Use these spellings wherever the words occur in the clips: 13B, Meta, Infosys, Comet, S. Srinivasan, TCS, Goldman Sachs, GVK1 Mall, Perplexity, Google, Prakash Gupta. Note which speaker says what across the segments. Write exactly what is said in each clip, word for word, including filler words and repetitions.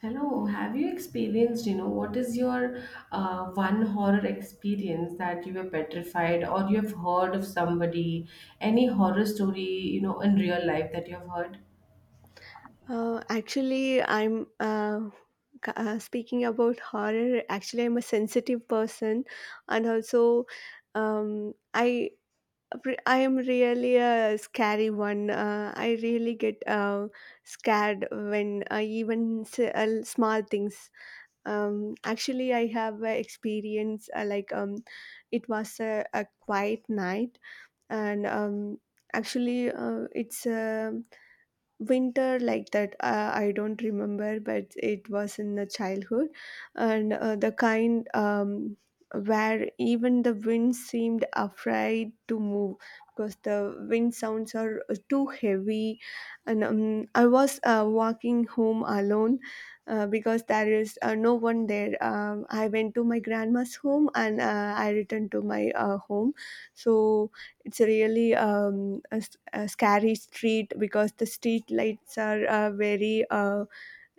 Speaker 1: Hello, have you experienced, you know, what is your uh, one horror experience that you were petrified or you have heard of somebody, any horror story, you know, in real life that you have heard?
Speaker 2: Uh, actually, I'm uh, c- uh, speaking about horror. Actually, I'm a sensitive person, and also, um, I re- I am really a scary one. Uh, I really get uh, scared when uh, even s- uh, small things. Um, actually, I have a experience uh, like um, it was a, a quiet night, and um, actually, uh, it's a winter like that. uh, I don't remember, but it was in the childhood, and uh, the kind, um, where even the wind seemed afraid to move because the wind sounds are uh, too heavy, and um, I was uh, walking home alone, uh, because there is uh, no one there. um, I went to my grandma's home, and uh, I returned to my uh, home. So it's really um, a scary street because the street lights are uh, very uh,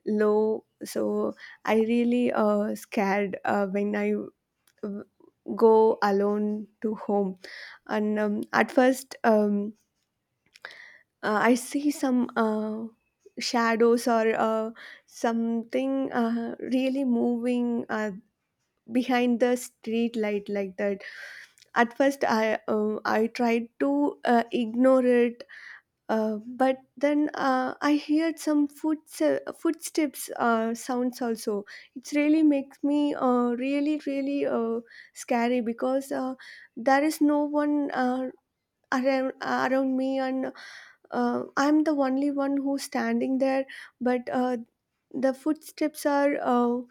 Speaker 2: low, so I really uh, scared uh, when I uh, go alone to home. And um, at first, um, uh, I see some uh, shadows, or uh, something uh, really moving uh, behind the street light, like that. At first, i um, i tried to uh, ignore it. Uh, but then uh, I heard some foot footsteps uh, sounds also. It really makes me uh, really really uh, scary because uh, there is no one uh, around around me, and uh, I'm the only one who's standing there. But uh, the footsteps are uh,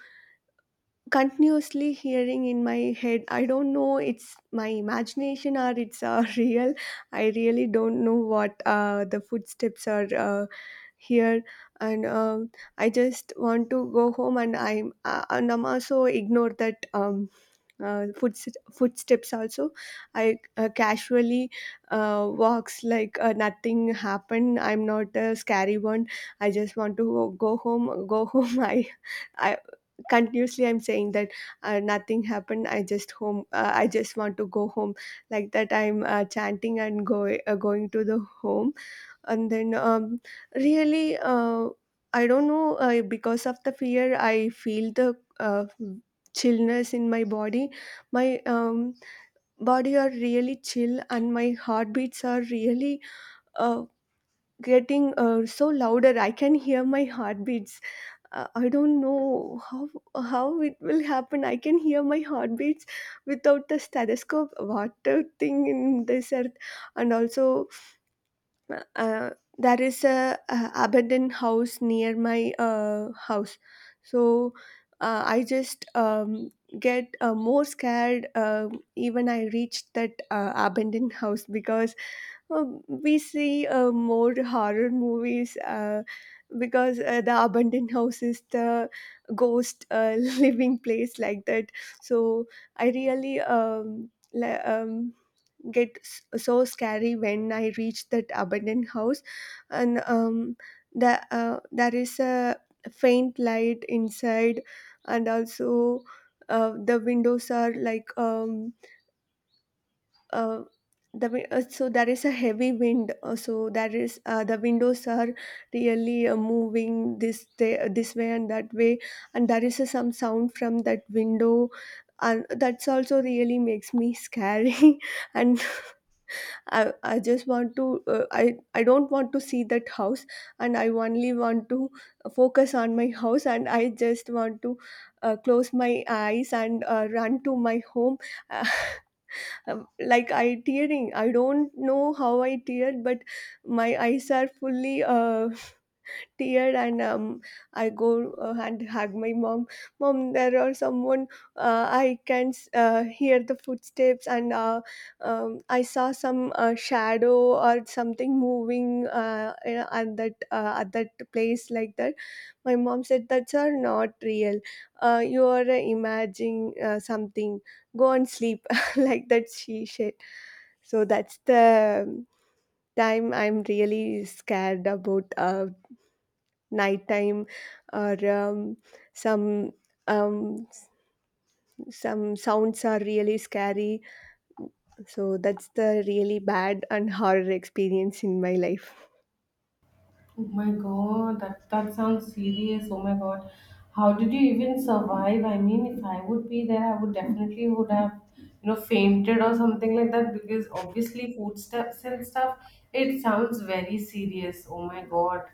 Speaker 2: continuously hearing in my head. I don't know it's my imagination or it's uh, real. I really don't know what uh, the footsteps are. Uh, here. And um, I just want to go home, and i'm uh, and I'm also ignore that um, uh, foot, footsteps also. I uh, casually uh, walks like uh, nothing happened. I'm not a scary one. I just want to go, go home, go home. I i continuously I'm saying that uh, nothing happened. i just home uh, I just want to go home, like that. I'm uh, chanting and go, uh, going to the home. And then, um, really, uh, I don't know, uh, because of the fear I feel the uh, chillness in my body. My um, body are really chill, and my heartbeats are really uh, getting uh, so louder. I can hear my heartbeats. uh, I don't know how how it will happen. I can hear my heartbeats without the stethoscope. What a thing in this earth! And also, uh, there is a, uh abandoned house near my uh, house. So uh, I just um, get uh, more scared, um even I reached that uh, abandoned house, because um, we see uh, more horror movies, uh, because uh, the abandoned house is the ghost uh, living place, like that. So I really um, li- um, get s- so scary when I reach that abandoned house. And um, the, uh, there is a faint light inside. And also, uh, the windows are like um, uh, the wi- uh, so there is a heavy wind, uh, so there is uh, the windows are really uh, moving this day, uh, this way and that way. And there is uh, some sound from that window, and that's also really makes me scary. And I, I just want to uh, I I don't want to see that house, and I only want to focus on my house, and I just want to uh, close my eyes and uh, run to my home. um, like I tearing, I don't know how I teared, but my eyes are fully uh, tear. And um, I go uh, and hug my mom. Mom, there are someone. uh, I can s- uh, hear the footsteps, and uh, um, I saw some uh, shadow or something moving, uh, you know, at that uh, at that place, like that. My mom said, that's are not real. Uh, you are uh, imagining uh, something, go and sleep. Like that she said. So that's the time I'm really scared about uh, nighttime, or um, some um, s- some sounds are really scary. So that's the really bad and horror experience in my life.
Speaker 1: Oh my god, that that sounds serious. Oh my god, how did you even survive? I mean, if I would be there, I would definitely would have, you know, fainted or something like that because obviously footsteps and stuff. It sounds very serious. Oh my god.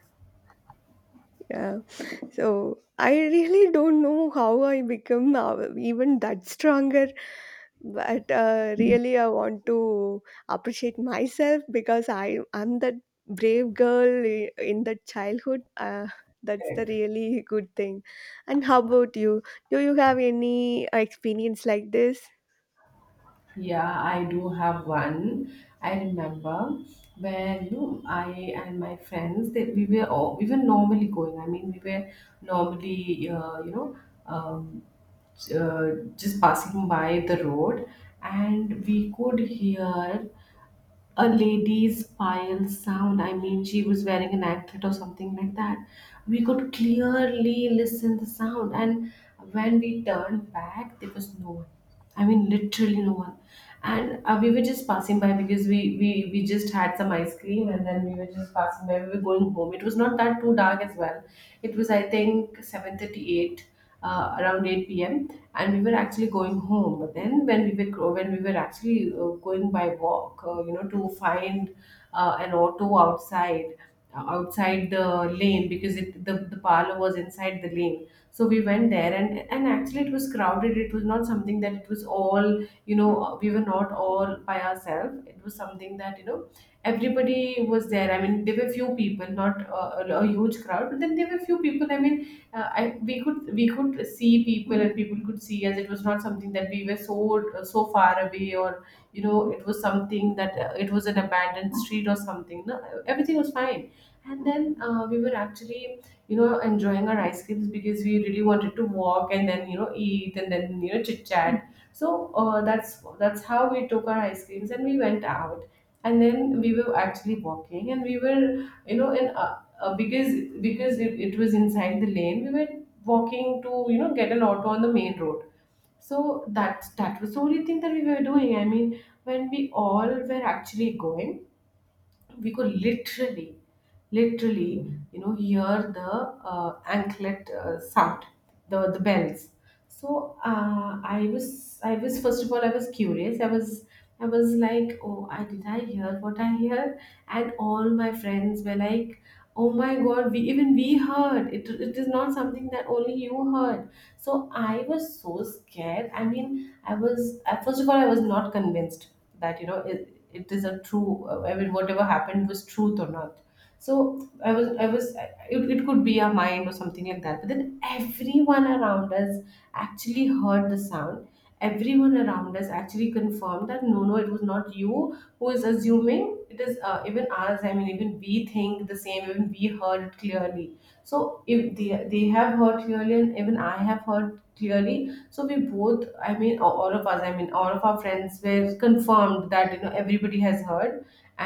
Speaker 2: Yeah. So I really don't know how I become now even that stronger. But uh, really, I want to appreciate myself because I am that brave girl, i- in that childhood. Uh, that's the
Speaker 1: Correct.
Speaker 2: really good thing. And how about you? Do you have any experience like this?
Speaker 1: Yeah, I do have one. I remember where you know I and my friends that we were all, we were normally going. I mean, we were normally uh, you know um, uh, just passing by the road, and we could hear a lady's pile sound. I mean, she was wearing an anklet or something like that. We could clearly listen the sound, and when we turned back, there was no one. I mean, literally no one. And uh, we were just passing by because we, we we just had some ice cream, and then we were just passing by. We were going home. It was not that too dark as well. It was, I think, seven thirty-eight, uh, around eight p m, and we were actually going home. But then when we were gro- when we were actually uh, going by walk, uh, you know, to find uh, an auto outside, uh, outside the lane, because it the, the parlor was inside the lane. So we went there, and and actually it was crowded. It was not something that it was all, you know uh, we were not all by ourselves. It was something that, you know everybody was there. I mean, there were few people, not uh, a a huge crowd, but then there were few people. I mean, uh, I we could we could see people and people could see us. It was not something that we were so so far away, or, you know it was something that, uh, it was an abandoned street or something. No, everything was fine. And then, uh, we were actually, you know enjoying our ice creams because we really wanted to walk and then, you know eat, and then, you know chit chat. So, uh, that's that's how we took our ice creams, and we went out. And then we were actually walking, and we were, you know in uh, uh, because because it, it was inside the lane, we were walking to, you know get an auto on the main road. So that that was the only thing that we were doing. I mean, when we all were actually going, we could literally, literally, you know, hear the uh, anklet uh, sound, the the bells. So, uh, I was, I was, first of all, I was curious. I was, I was like, oh, I did I hear what I hear? And all my friends were like, oh my God, we even we heard. It it is not something that only you heard, so I was so scared. I mean, I was I- first of all, I was not convinced that, you know it, it is a true. uh, I mean, whatever happened was truth or not. So I was I was I- it, it could be our mind or something like that. But then everyone around us actually heard the sound. Everyone around us actually confirmed that no, no, it was not you who is assuming. It is, uh, even us. I mean, even we think the same. Even we heard it clearly. So, if they they have heard clearly, and even I have heard clearly, so we both, I mean, a- all of us, I mean, all of our friends were confirmed that, you know everybody has heard.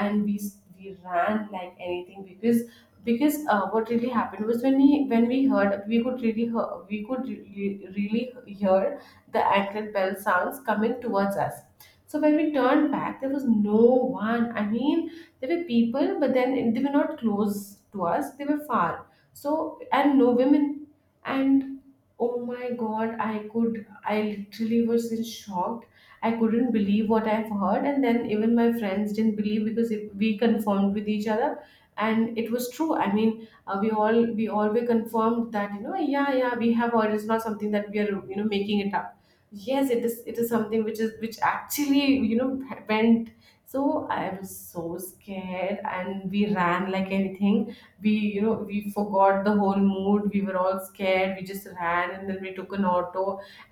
Speaker 1: And we s- we ran like anything, because because uh, what really happened was, when we when we heard, we could really hear, we could really, really hear the anklet bell sounds coming towards us. So when we turned back, there was no one. I mean, there were people, but then they were not close to us, they were far. So, and no women. And oh my god, I could I literally was in shock. I couldn't believe what I've heard, and then even my friends didn't believe because, it, we confirmed with each other, and it was true. I mean, uh, we all we all were confirmed that, you know, yeah, yeah, we have heard. It's not something that we are, you know making it up. Yes, it is. It is something which is which actually, you know went. So I was so scared, and we ran like anything. We you know we forgot the whole mood. We were all scared. We just ran, and then we took an auto.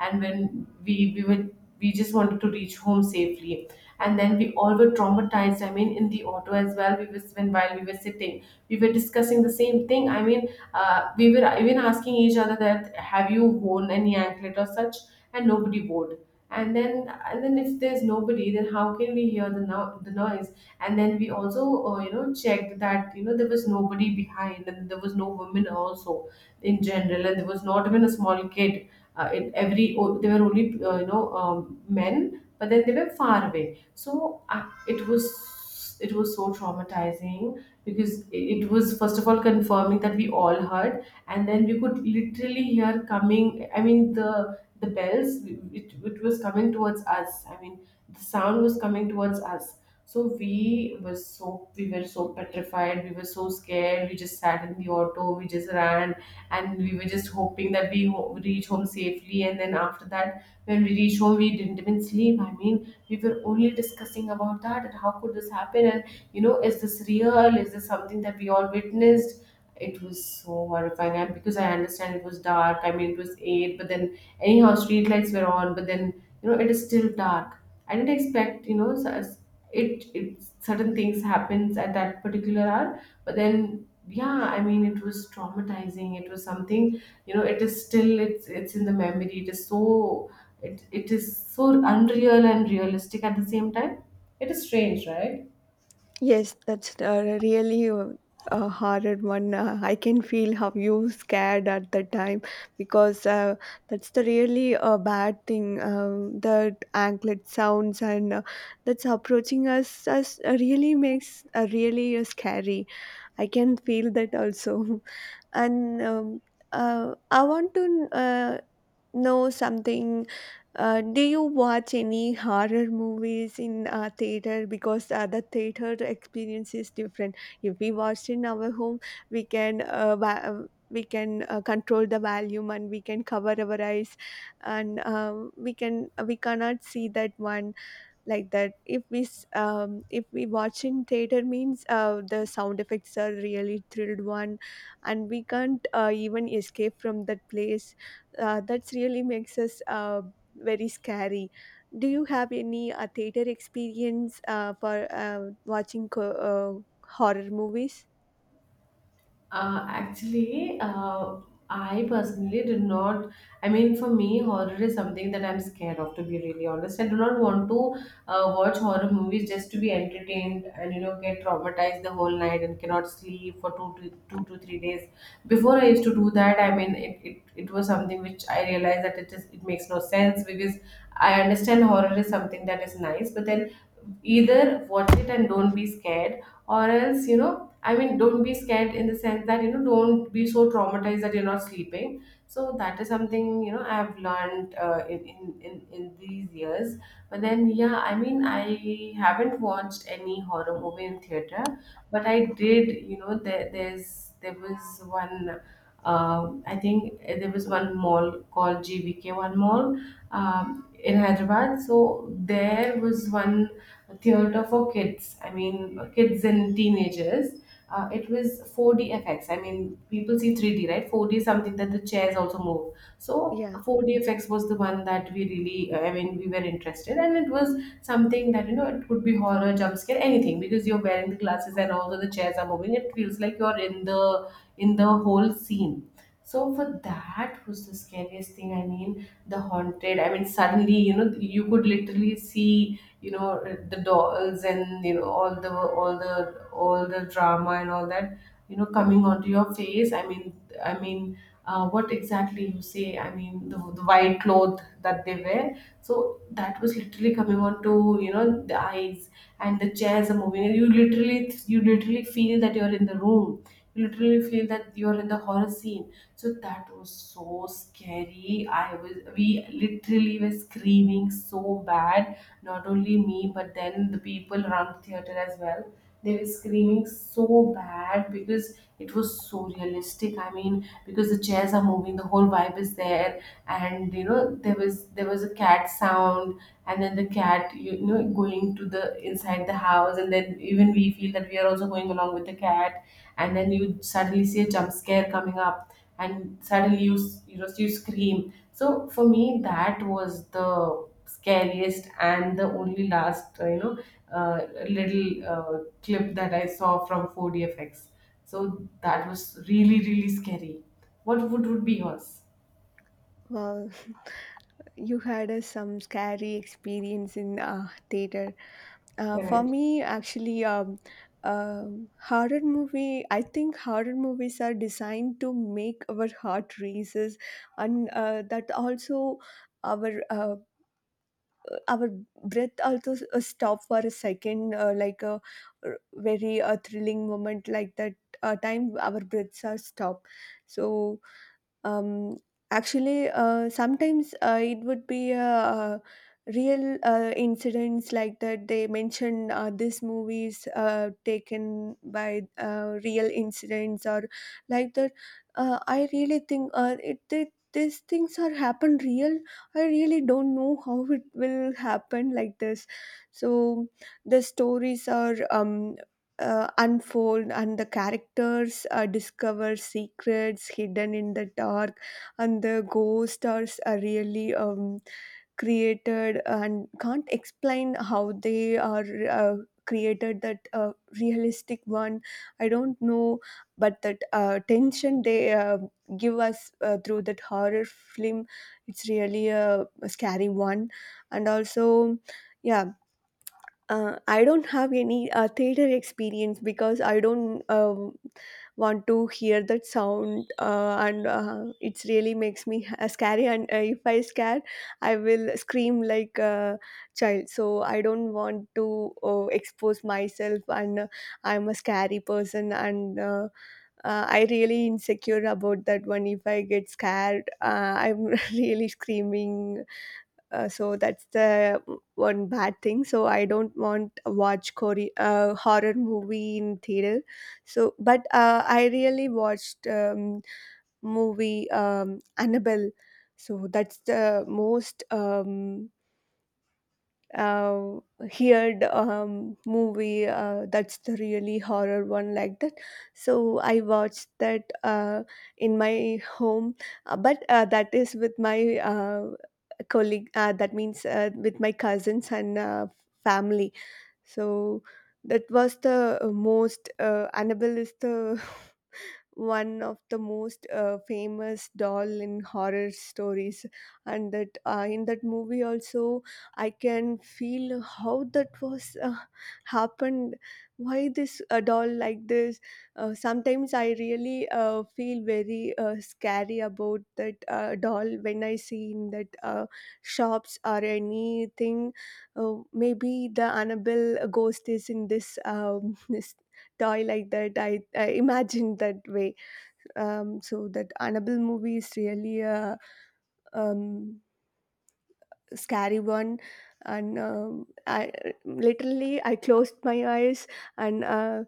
Speaker 1: And when we we were we just wanted to reach home safely. And then we all were traumatized. I mean, in the auto as well, we was when while we were sitting, we were discussing the same thing. I mean, uh, we were even asking each other that, have you worn any anklet or such? And nobody would. And then and then if there's nobody, then how can we hear the, no- the noise? And then we also, uh, you know checked that, you know there was nobody behind, and there was no women also in general, and there was not even a small kid. Uh, in every o- there were only, uh, you know um, men, but then they were far away. So, uh, it was it was so traumatizing, because it was, first of all, confirming that we all heard. And then we could literally hear coming, I mean, the the bells, it, it was coming towards us. I mean, the sound was coming towards us. so we were so we were so petrified. We were so scared. We just sat in the auto. We just ran, and we were just hoping that we ho- reach home safely. And then after that, when we reached home, we didn't even sleep. I mean, we were only discussing about that, and how could this happen? And, you know, is this real? Is this something that we all witnessed? It was so horrifying, and because I understand, it was dark. I mean, it was eight, but then anyhow, street lights were on. But then, you know, it is still dark. I didn't expect, you know, s- it it certain things happens at that particular hour. But then, yeah, I mean, it was traumatizing. It was something, you know it is still, it's it's in the memory. It is so, it, it is so unreal and realistic at the same time. It is strange, right?
Speaker 2: Yes, that's uh, really uh, a hard one. Uh, I can feel how you scared at the time because uh, that's the really uh, bad thing. Um, the anklet sounds, and uh, that's approaching us as uh, really makes uh, really uh, scary. I can feel that also. And um, uh, I want to uh, know something. Uh, do you watch any horror movies in uh, theater? Because uh, the theater experience is different. If we watch in our home, we can uh, va- uh, we can uh, control the volume, and we can cover our eyes, and um we can we cannot see that one, like that. If we s- um, if we watch in theater means, uh, the sound effects are really thrilled one, and we can't uh, even escape from that place. Uh, that's really makes us uh, very scary. Do you have any uh, theater experience uh, for uh, watching co- uh, horror movies?
Speaker 1: Uh, actually, uh, I personally did not. I mean, for me, horror is something that I'm scared of, to be really honest. I do not want to uh, watch horror movies just to be entertained and, you know, get traumatized the whole night and cannot sleep for two to, two to three days. Before, I used to do that. I mean, it, it, it was something which I realized that it is it makes no sense, because I understand horror is something that is nice, but then either watch it and don't be scared, or else, you know, I mean, don't be scared in the sense that, you know, don't be so traumatized that you're not sleeping. So that is something, you know, I've learned, uh, in, in, in, in these years. But then, yeah, I mean, I haven't watched any horror movie in theater, but I did, you know, there, there's, there was one. um I think there was one mall called G V K one Mall, um, in Hyderabad. So there was one theater for kids. I mean, kids and teenagers. Uh, it was four D effects. I mean, people see three D, right? four D is something that the chairs also move. So
Speaker 2: Yeah.
Speaker 1: four D effects was the one that we really, uh, I mean, we were interested, and it was something that, you know it could be horror, jump scare, anything, because you're wearing the glasses and also the chairs are moving. It feels like you're in the in the whole scene. So for that was the scariest thing. I mean, the haunted i mean suddenly, you know, you could literally see, you know, the dolls, and you know, all the all the all the drama and all that, you know, coming onto your face. i mean i mean uh, what exactly you say, I mean the, the white cloth that they wear, so that was literally coming onto, you know, the eyes, and the chairs are moving. You literally you literally feel that you're in the room, you literally feel that you're in the horror scene. So that was so scary. I was we literally were screaming so bad, not only me but then the people around the theater as well. They were screaming so bad because it was so realistic. I mean, because the chairs are moving, the whole vibe is there. And you know, there was there was a cat sound, and then the cat, you know, going to the inside the house, and then even we feel that we are also going along with the cat. And then you suddenly see a jump scare coming up, and suddenly you s- you know, you scream. So for me, that was the scariest and the only last uh, you know uh, little uh, clip that I saw from four D F X. So that was really really scary. What would would be yours?
Speaker 2: Well, you had uh, some scary experience in uh, theater. Uh, for
Speaker 1: Correct.
Speaker 2: me, actually, um, um horror movie. I think horror movies are designed to make our heart races, and uh, that also our uh, our breath also s- uh, stop for a second, uh, like a r- very uh, thrilling moment, like that. Uh, time our breaths are stopped. So, um, actually, uh, sometimes uh, it would be uh, uh, real uh, incidents, like that. They mention, uh, this movie is uh, taken by uh, real incidents, or like that. Uh, I really think uh, it, it these things are happen real. I really don't know how it will happen like this. So the stories are um, uh, unfold, and the characters uh, discover secrets hidden in the dark, and the ghosts are s- are really um, created, and can't explain how they are uh, created that uh, realistic one. I don't know, but that uh, tension they uh, give us uh, through that horror film, it's really a, a scary one. And also, yeah, uh, I don't have any uh, theater experience because I don't um, want to hear that sound. Uh, and uh, it really makes me uh, scary. And uh, if I scare, I will scream like a child. So I don't want to uh, expose myself, and uh, I'm a scary person, and uh, uh, I really insecure about that one. If I get scared, uh, I'm really screaming. Uh, so that's the one bad thing. So I don't want to watch Kore- uh, horror movie in theater. So but uh, I really watched um, movie, um, Annabelle. So that's the most um, uh, heard um, movie. Uh, that's the really horror one, like that. So I watched that uh, in my home. Uh, but uh, that is with my uh, colleague, uh, that means uh, with my cousins and uh, family. So that was the most uh, Annabelle is the one of the most uh, famous doll in horror stories. And that uh, in that movie also, I can feel how that was uh, happened. Why this a doll like this? Uh, sometimes I really uh, feel very uh, scary about that uh, doll when I see in that uh, shops or anything. Uh, maybe the Annabelle ghost is in this um, this toy, like that. I, I imagined that way. Um, so that Annabelle movie is really a um, scary one, and um, I literally I closed my eyes and Uh,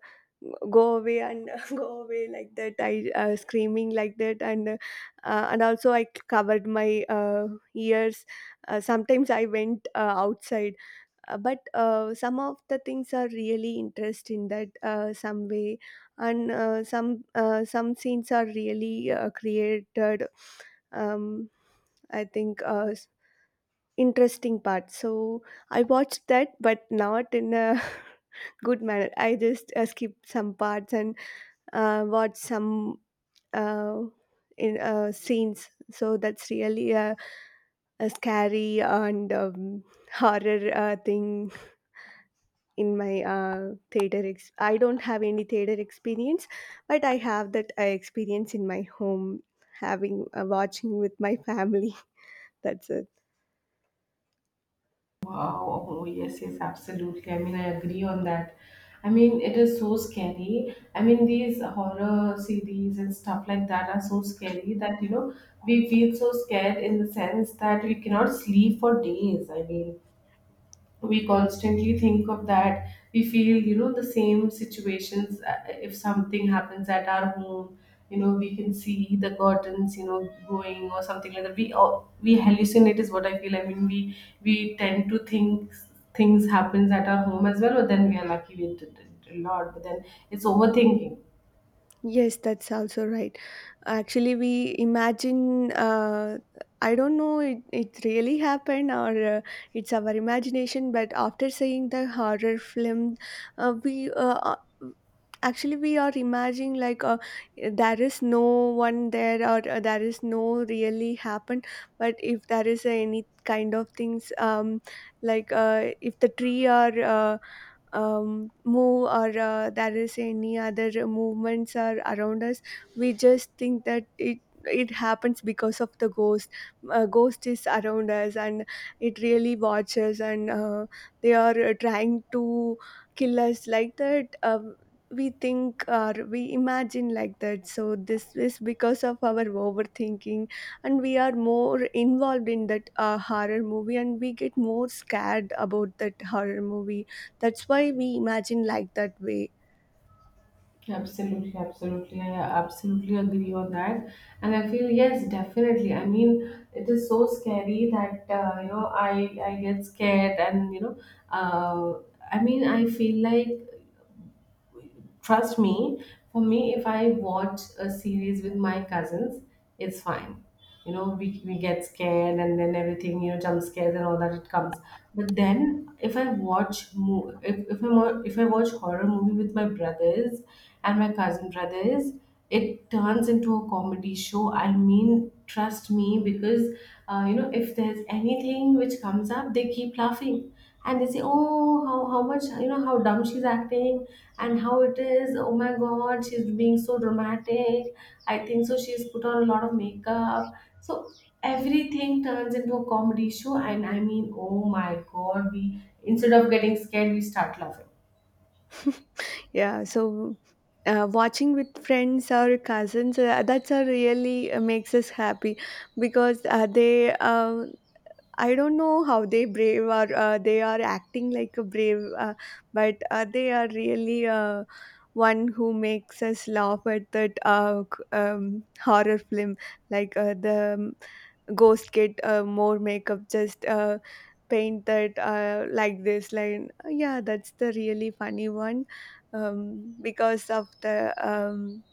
Speaker 2: go away, and go away, like that. I uh, screaming like that, and uh, and also I covered my uh, ears. Uh, sometimes I went uh, outside. Uh, but uh, some of the things are really interest in that uh, some way, and uh, some uh, some scenes are really uh, created, um, I think uh, s- interesting part. So I watched that, but not in a good manner. I just uh, skipped some parts and uh, watched some uh, in uh, scenes. So that's really a, a scary and um, horror uh, thing. In my uh, theater ex- I don't have any theater experience, but I have that uh, experience in my home, having uh, watching with my family. That's it.
Speaker 1: Wow. Oh, yes, yes, absolutely. I mean, I agree on that. I mean, it is so scary. I mean, these horror series and stuff like that are so scary that, you know, we feel so scared in the sense that we cannot sleep for days. I mean, we constantly think of that. We feel, you know, the same situations. Uh, if something happens at our home, you know, we can see the curtains, you know, going or something like that. We uh, we hallucinate is what I feel. I mean, we we tend to think things happens at our home as well, but then we are lucky. We did it a lot, but then it's overthinking.
Speaker 2: Yes, that's also right. Actually, we imagine, uh, I don't know it, it really happened or uh, it's our imagination, but after seeing the horror film, uh, we uh, uh, actually we are imagining like uh, there is no one there or uh, there is no really happened. But if there is any kind of things um like uh, if the tree or uh, um, move or uh, there is any other movements are around us, we just think that it it happens because of the ghost. A ghost is around us and it really watches, and uh, they are uh, trying to kill us like that. Um, we think or we imagine like that, so this is because of our overthinking, and we are more involved in that uh, horror movie, and we get more scared about that horror movie. That's why we imagine like that way.
Speaker 1: Absolutely, absolutely. I absolutely agree on that. And I feel, yes, definitely. I mean, it is so scary that, uh, you know, I, I get scared, and, you know, uh, I mean, I feel like, trust me, for me, if I watch a series with my cousins, it's fine. You know, we, we get scared and then everything, you know, jump scares and all that it comes. But then if I watch mo- if, if I'm on- if I watch horror movie with my brothers and my cousin brothers, it turns into a comedy show. I mean, trust me, because uh, you know, if there's anything which comes up, they keep laughing, and they say, "Oh, how how much, you know, how dumb she's acting," and how it is. Oh my god, she's being so dramatic. I think so she's put on a lot of makeup. So everything turns into a comedy show, and I mean, oh my god, we, instead of getting scared, we start laughing.
Speaker 2: Yeah, so uh, watching with friends or cousins, uh, that's a really uh, makes us happy, because uh, they uh, I don't know how they brave or uh, they are acting like a brave, uh, but uh, they are really uh, one who makes us laugh at that uh, c- um, horror film, like uh, the um, ghost get uh, more makeup, just uh, paint that uh, like this line. Uh, yeah, that's the really funny one, um, because of the um,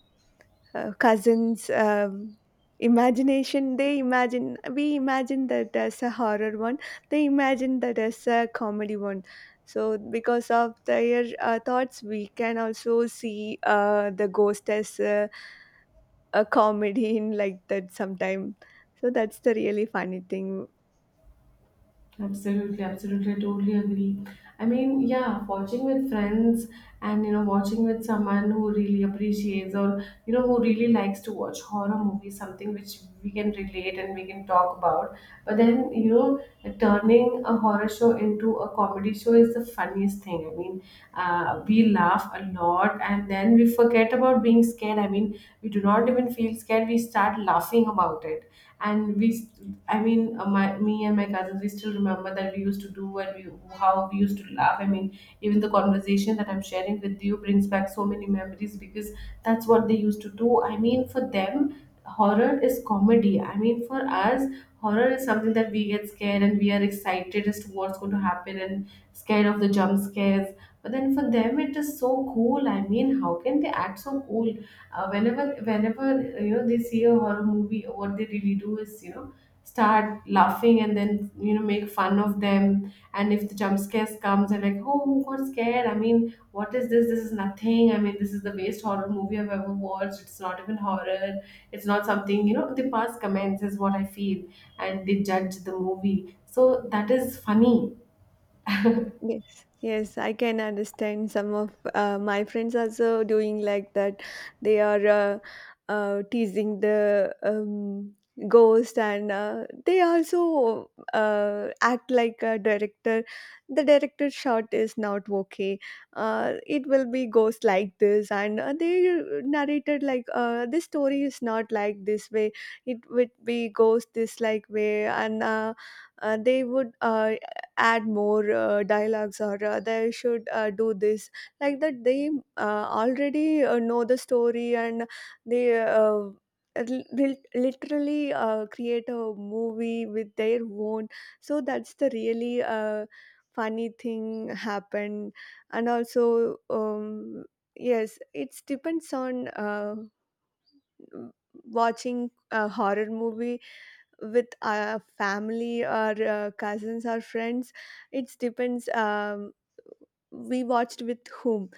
Speaker 2: uh, cousins, um, imagination. They imagine, we imagine that as a horror one, they imagine that as a comedy one. So because of their uh, thoughts, we can also see uh, the ghost as a, a comedy in like that sometime. So that's the really funny thing.
Speaker 1: Absolutely, absolutely, I totally agree. I mean, yeah, watching with friends and, you know, watching with someone who really appreciates, or you know, who really likes to watch horror movies, something which we can relate and we can talk about. But then, you know, turning a horror show into a comedy show is the funniest thing. I mean, uh, we laugh a lot and then we forget about being scared. I mean, we do not even feel scared, we start laughing about it. And we st- I mean uh, my, me and my cousins, we still remember that we used to do, and we how we used to laugh. I mean, even the conversation that I'm sharing with you brings back so many memories because that's what they used to do. I mean, for them, horror is comedy. I mean, for us, horror is something that we get scared and we are excited as to what's going to happen, and scared of the jump scares. But then for them, it is so cool. I mean, how can they act so cool? Uh, whenever whenever you know, they see a horror movie, what they really do is, you know, start laughing and then, you know, make fun of them. And if the jump scares comes, they're like, "Oh, who got scared? I mean, what is this? This is nothing. I mean, this is the best horror movie I've ever watched. It's not even horror." It's not something, you know, they pass comments is what I feel, and they judge the movie. So that is funny.
Speaker 2: Yes, yes, I can understand. Some of uh, my friends also doing like that. They are uh, uh, teasing the um, ghost, and uh, they also uh, act like a director. The director shot is not okay. Uh, it will be ghost like this, and uh, they narrated like uh, this story is not like this way. It would be ghost this like way, and uh, uh, they would uh, add more uh, dialogues, or uh, they should uh, do this. Like that, they uh, already uh, know the story, and they uh, li- will literally uh, create a movie with their own. So that's the really uh, funny thing happened. And also, um, yes, it depends on uh, watching a horror movie with our family or uh, cousins or friends. It depends um, we watched with whom,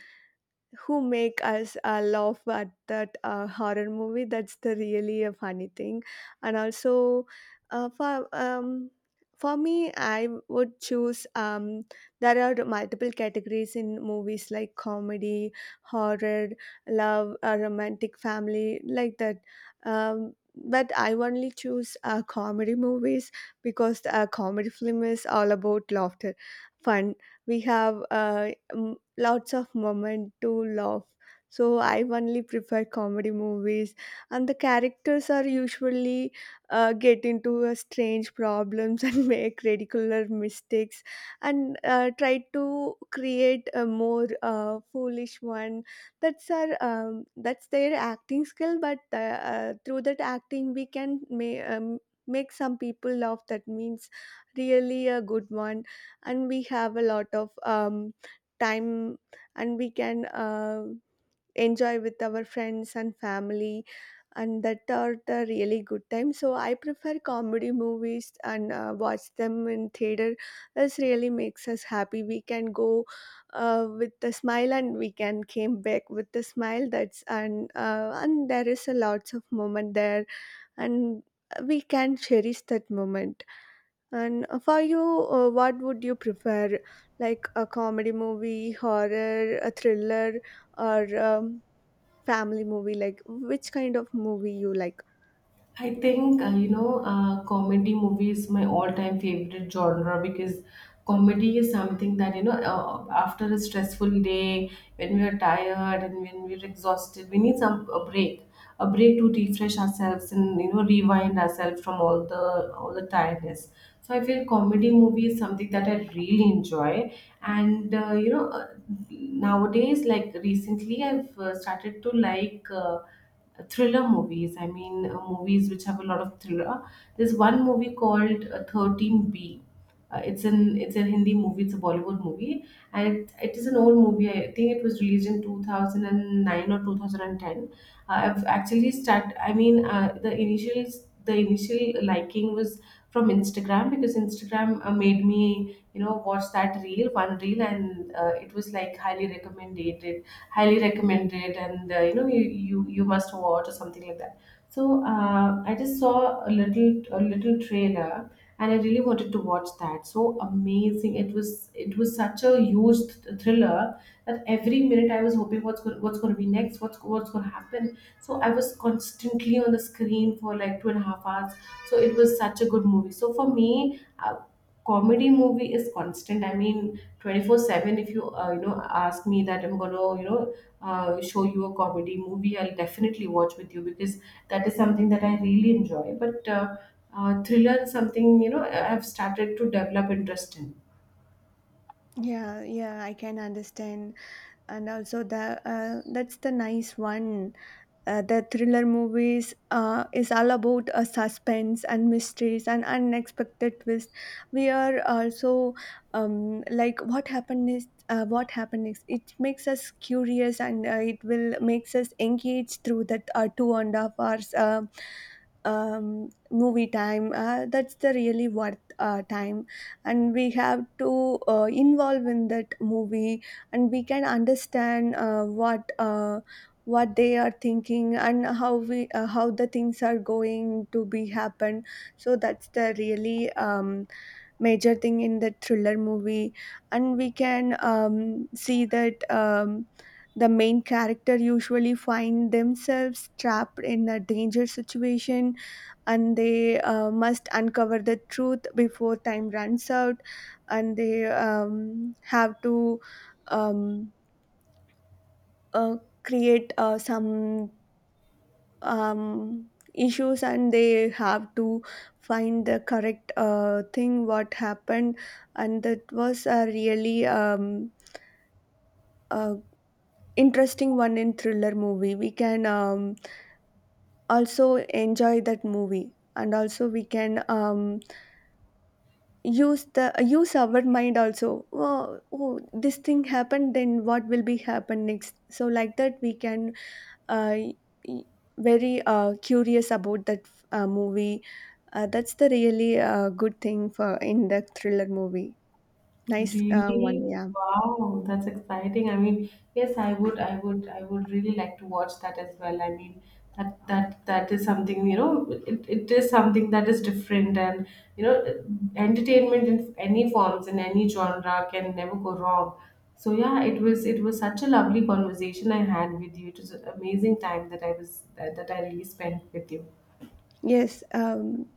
Speaker 2: who make us uh, laugh at that uh, horror movie. That's the really a funny thing. And also, uh, for um for me, I would choose, um there are multiple categories in movies, like comedy, horror, love, uh, romantic, family, like that. um but I only choose uh, comedy movies, because a comedy film is all about laughter, fun. We have uh, lots of moment to laugh, so I only prefer comedy movies. And the characters are usually uh, get into a strange problems and make ridiculous mistakes, and uh, try to create a more uh, foolish one. That's our um, that's their acting skill, but uh, uh, through that acting, we can may, um, make some people laugh. That means really a good one. And we have a lot of um, time, and we can uh, enjoy with our friends and family, and that are the really good time. So I prefer comedy movies and uh, watch them in theater. This really makes us happy. We can go uh, with a smile, and we can came back with a smile. That's, and uh, and there is a lots of moment there, and we can cherish that moment. And uh, for you, uh, what would you prefer? Like a comedy movie, horror, a thriller, or um, family movie? Like which kind of movie you like?
Speaker 1: I think uh, you know, uh, comedy movie is my all-time favorite genre because comedy is something that, you know, uh, after a stressful day, when we are tired and when we're exhausted, we need some a break, a break to refresh ourselves and, you know, rewind ourselves from all the all the tiredness. So I feel comedy movie is something that I really enjoy. And uh, you know uh, nowadays, like recently, I've uh, started to like Uh, thriller movies. I mean, uh, movies which have a lot of thriller. There's one movie called uh, thirteen B. Uh, it's an it's a Hindi movie. It's a Bollywood movie, and it, it is an old movie. I think it was released in two thousand nine or two thousand ten. Uh, I've actually start. I mean, uh, the initial the initial liking was from Instagram because Instagram uh, made me, you know, watch that reel one reel, and uh, it was like highly recommended, highly recommend it and uh, you know, you, you you must watch or something like that. So uh, I just saw a little a little trailer, and I really wanted to watch that. So amazing it was. It was such a huge th- thriller that every minute I was hoping what's going what's going to be next, what's what's going to happen. So I was constantly on the screen for like two and a half hours. So it was such a good movie. So for me, uh, comedy movie is constant. I mean, twenty four seven, if you uh, you know, ask me that I'm going to, you know, uh, show you a comedy movie, I'll definitely watch with you because that is something that I really enjoy. But uh, uh, thriller is something, you know, I've started to develop interest in.
Speaker 2: Yeah, yeah, I can understand. And also the uh, that's the nice one. Uh, the thriller movies uh, is all about uh, suspense and mysteries and unexpected twists. We are also, um, like what happened is uh, what happened next. It makes us curious, and uh, it will makes us engaged through that uh, two and a half hours uh, um, movie time. Uh, that's the really worth uh, time, and we have to uh, involve in that movie, and we can understand uh, what. Uh, what they are thinking, and how we uh, how the things are going to be happen. So that's the really um, major thing in the thriller movie. And we can um, see that um, the main character usually find themselves trapped in a danger situation, and they uh, must uncover the truth before time runs out. And they um, have to um, uh, create uh, some um, issues, and they have to find the correct uh, thing what happened. And that was a really um, uh, interesting one. In thriller movie, we can um, also enjoy that movie, and also we can um, use the use our mind also. Oh, oh, this thing happened, then what will be happen next? So like that, we can uh, y- very uh, curious about that uh, movie. Uh, that's the really uh, good thing for in the thriller movie. Nice uh, one,
Speaker 1: Really?
Speaker 2: yeah.
Speaker 1: Wow, that's exciting. I mean, yes, I would, I would, I would really like to watch that as well. I mean, that that that is something, you know, it, it is something that is different, and, you know, entertainment in any forms, in any genre can never go wrong. So yeah, it was it was such a lovely conversation I had with you. It was an amazing time that I was that, that I really spent with you.
Speaker 2: Yes, um,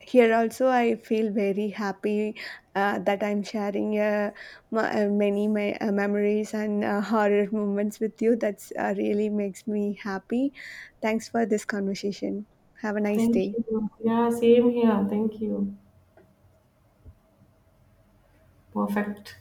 Speaker 2: here also I feel very happy uh, that I'm sharing uh, my, uh, many my, uh, memories and uh, horror moments with you. That's uh, really makes me happy. Thanks for this conversation. Have a nice
Speaker 1: Thank
Speaker 2: day.
Speaker 1: you. Yeah, same here. Thank you. Perfect.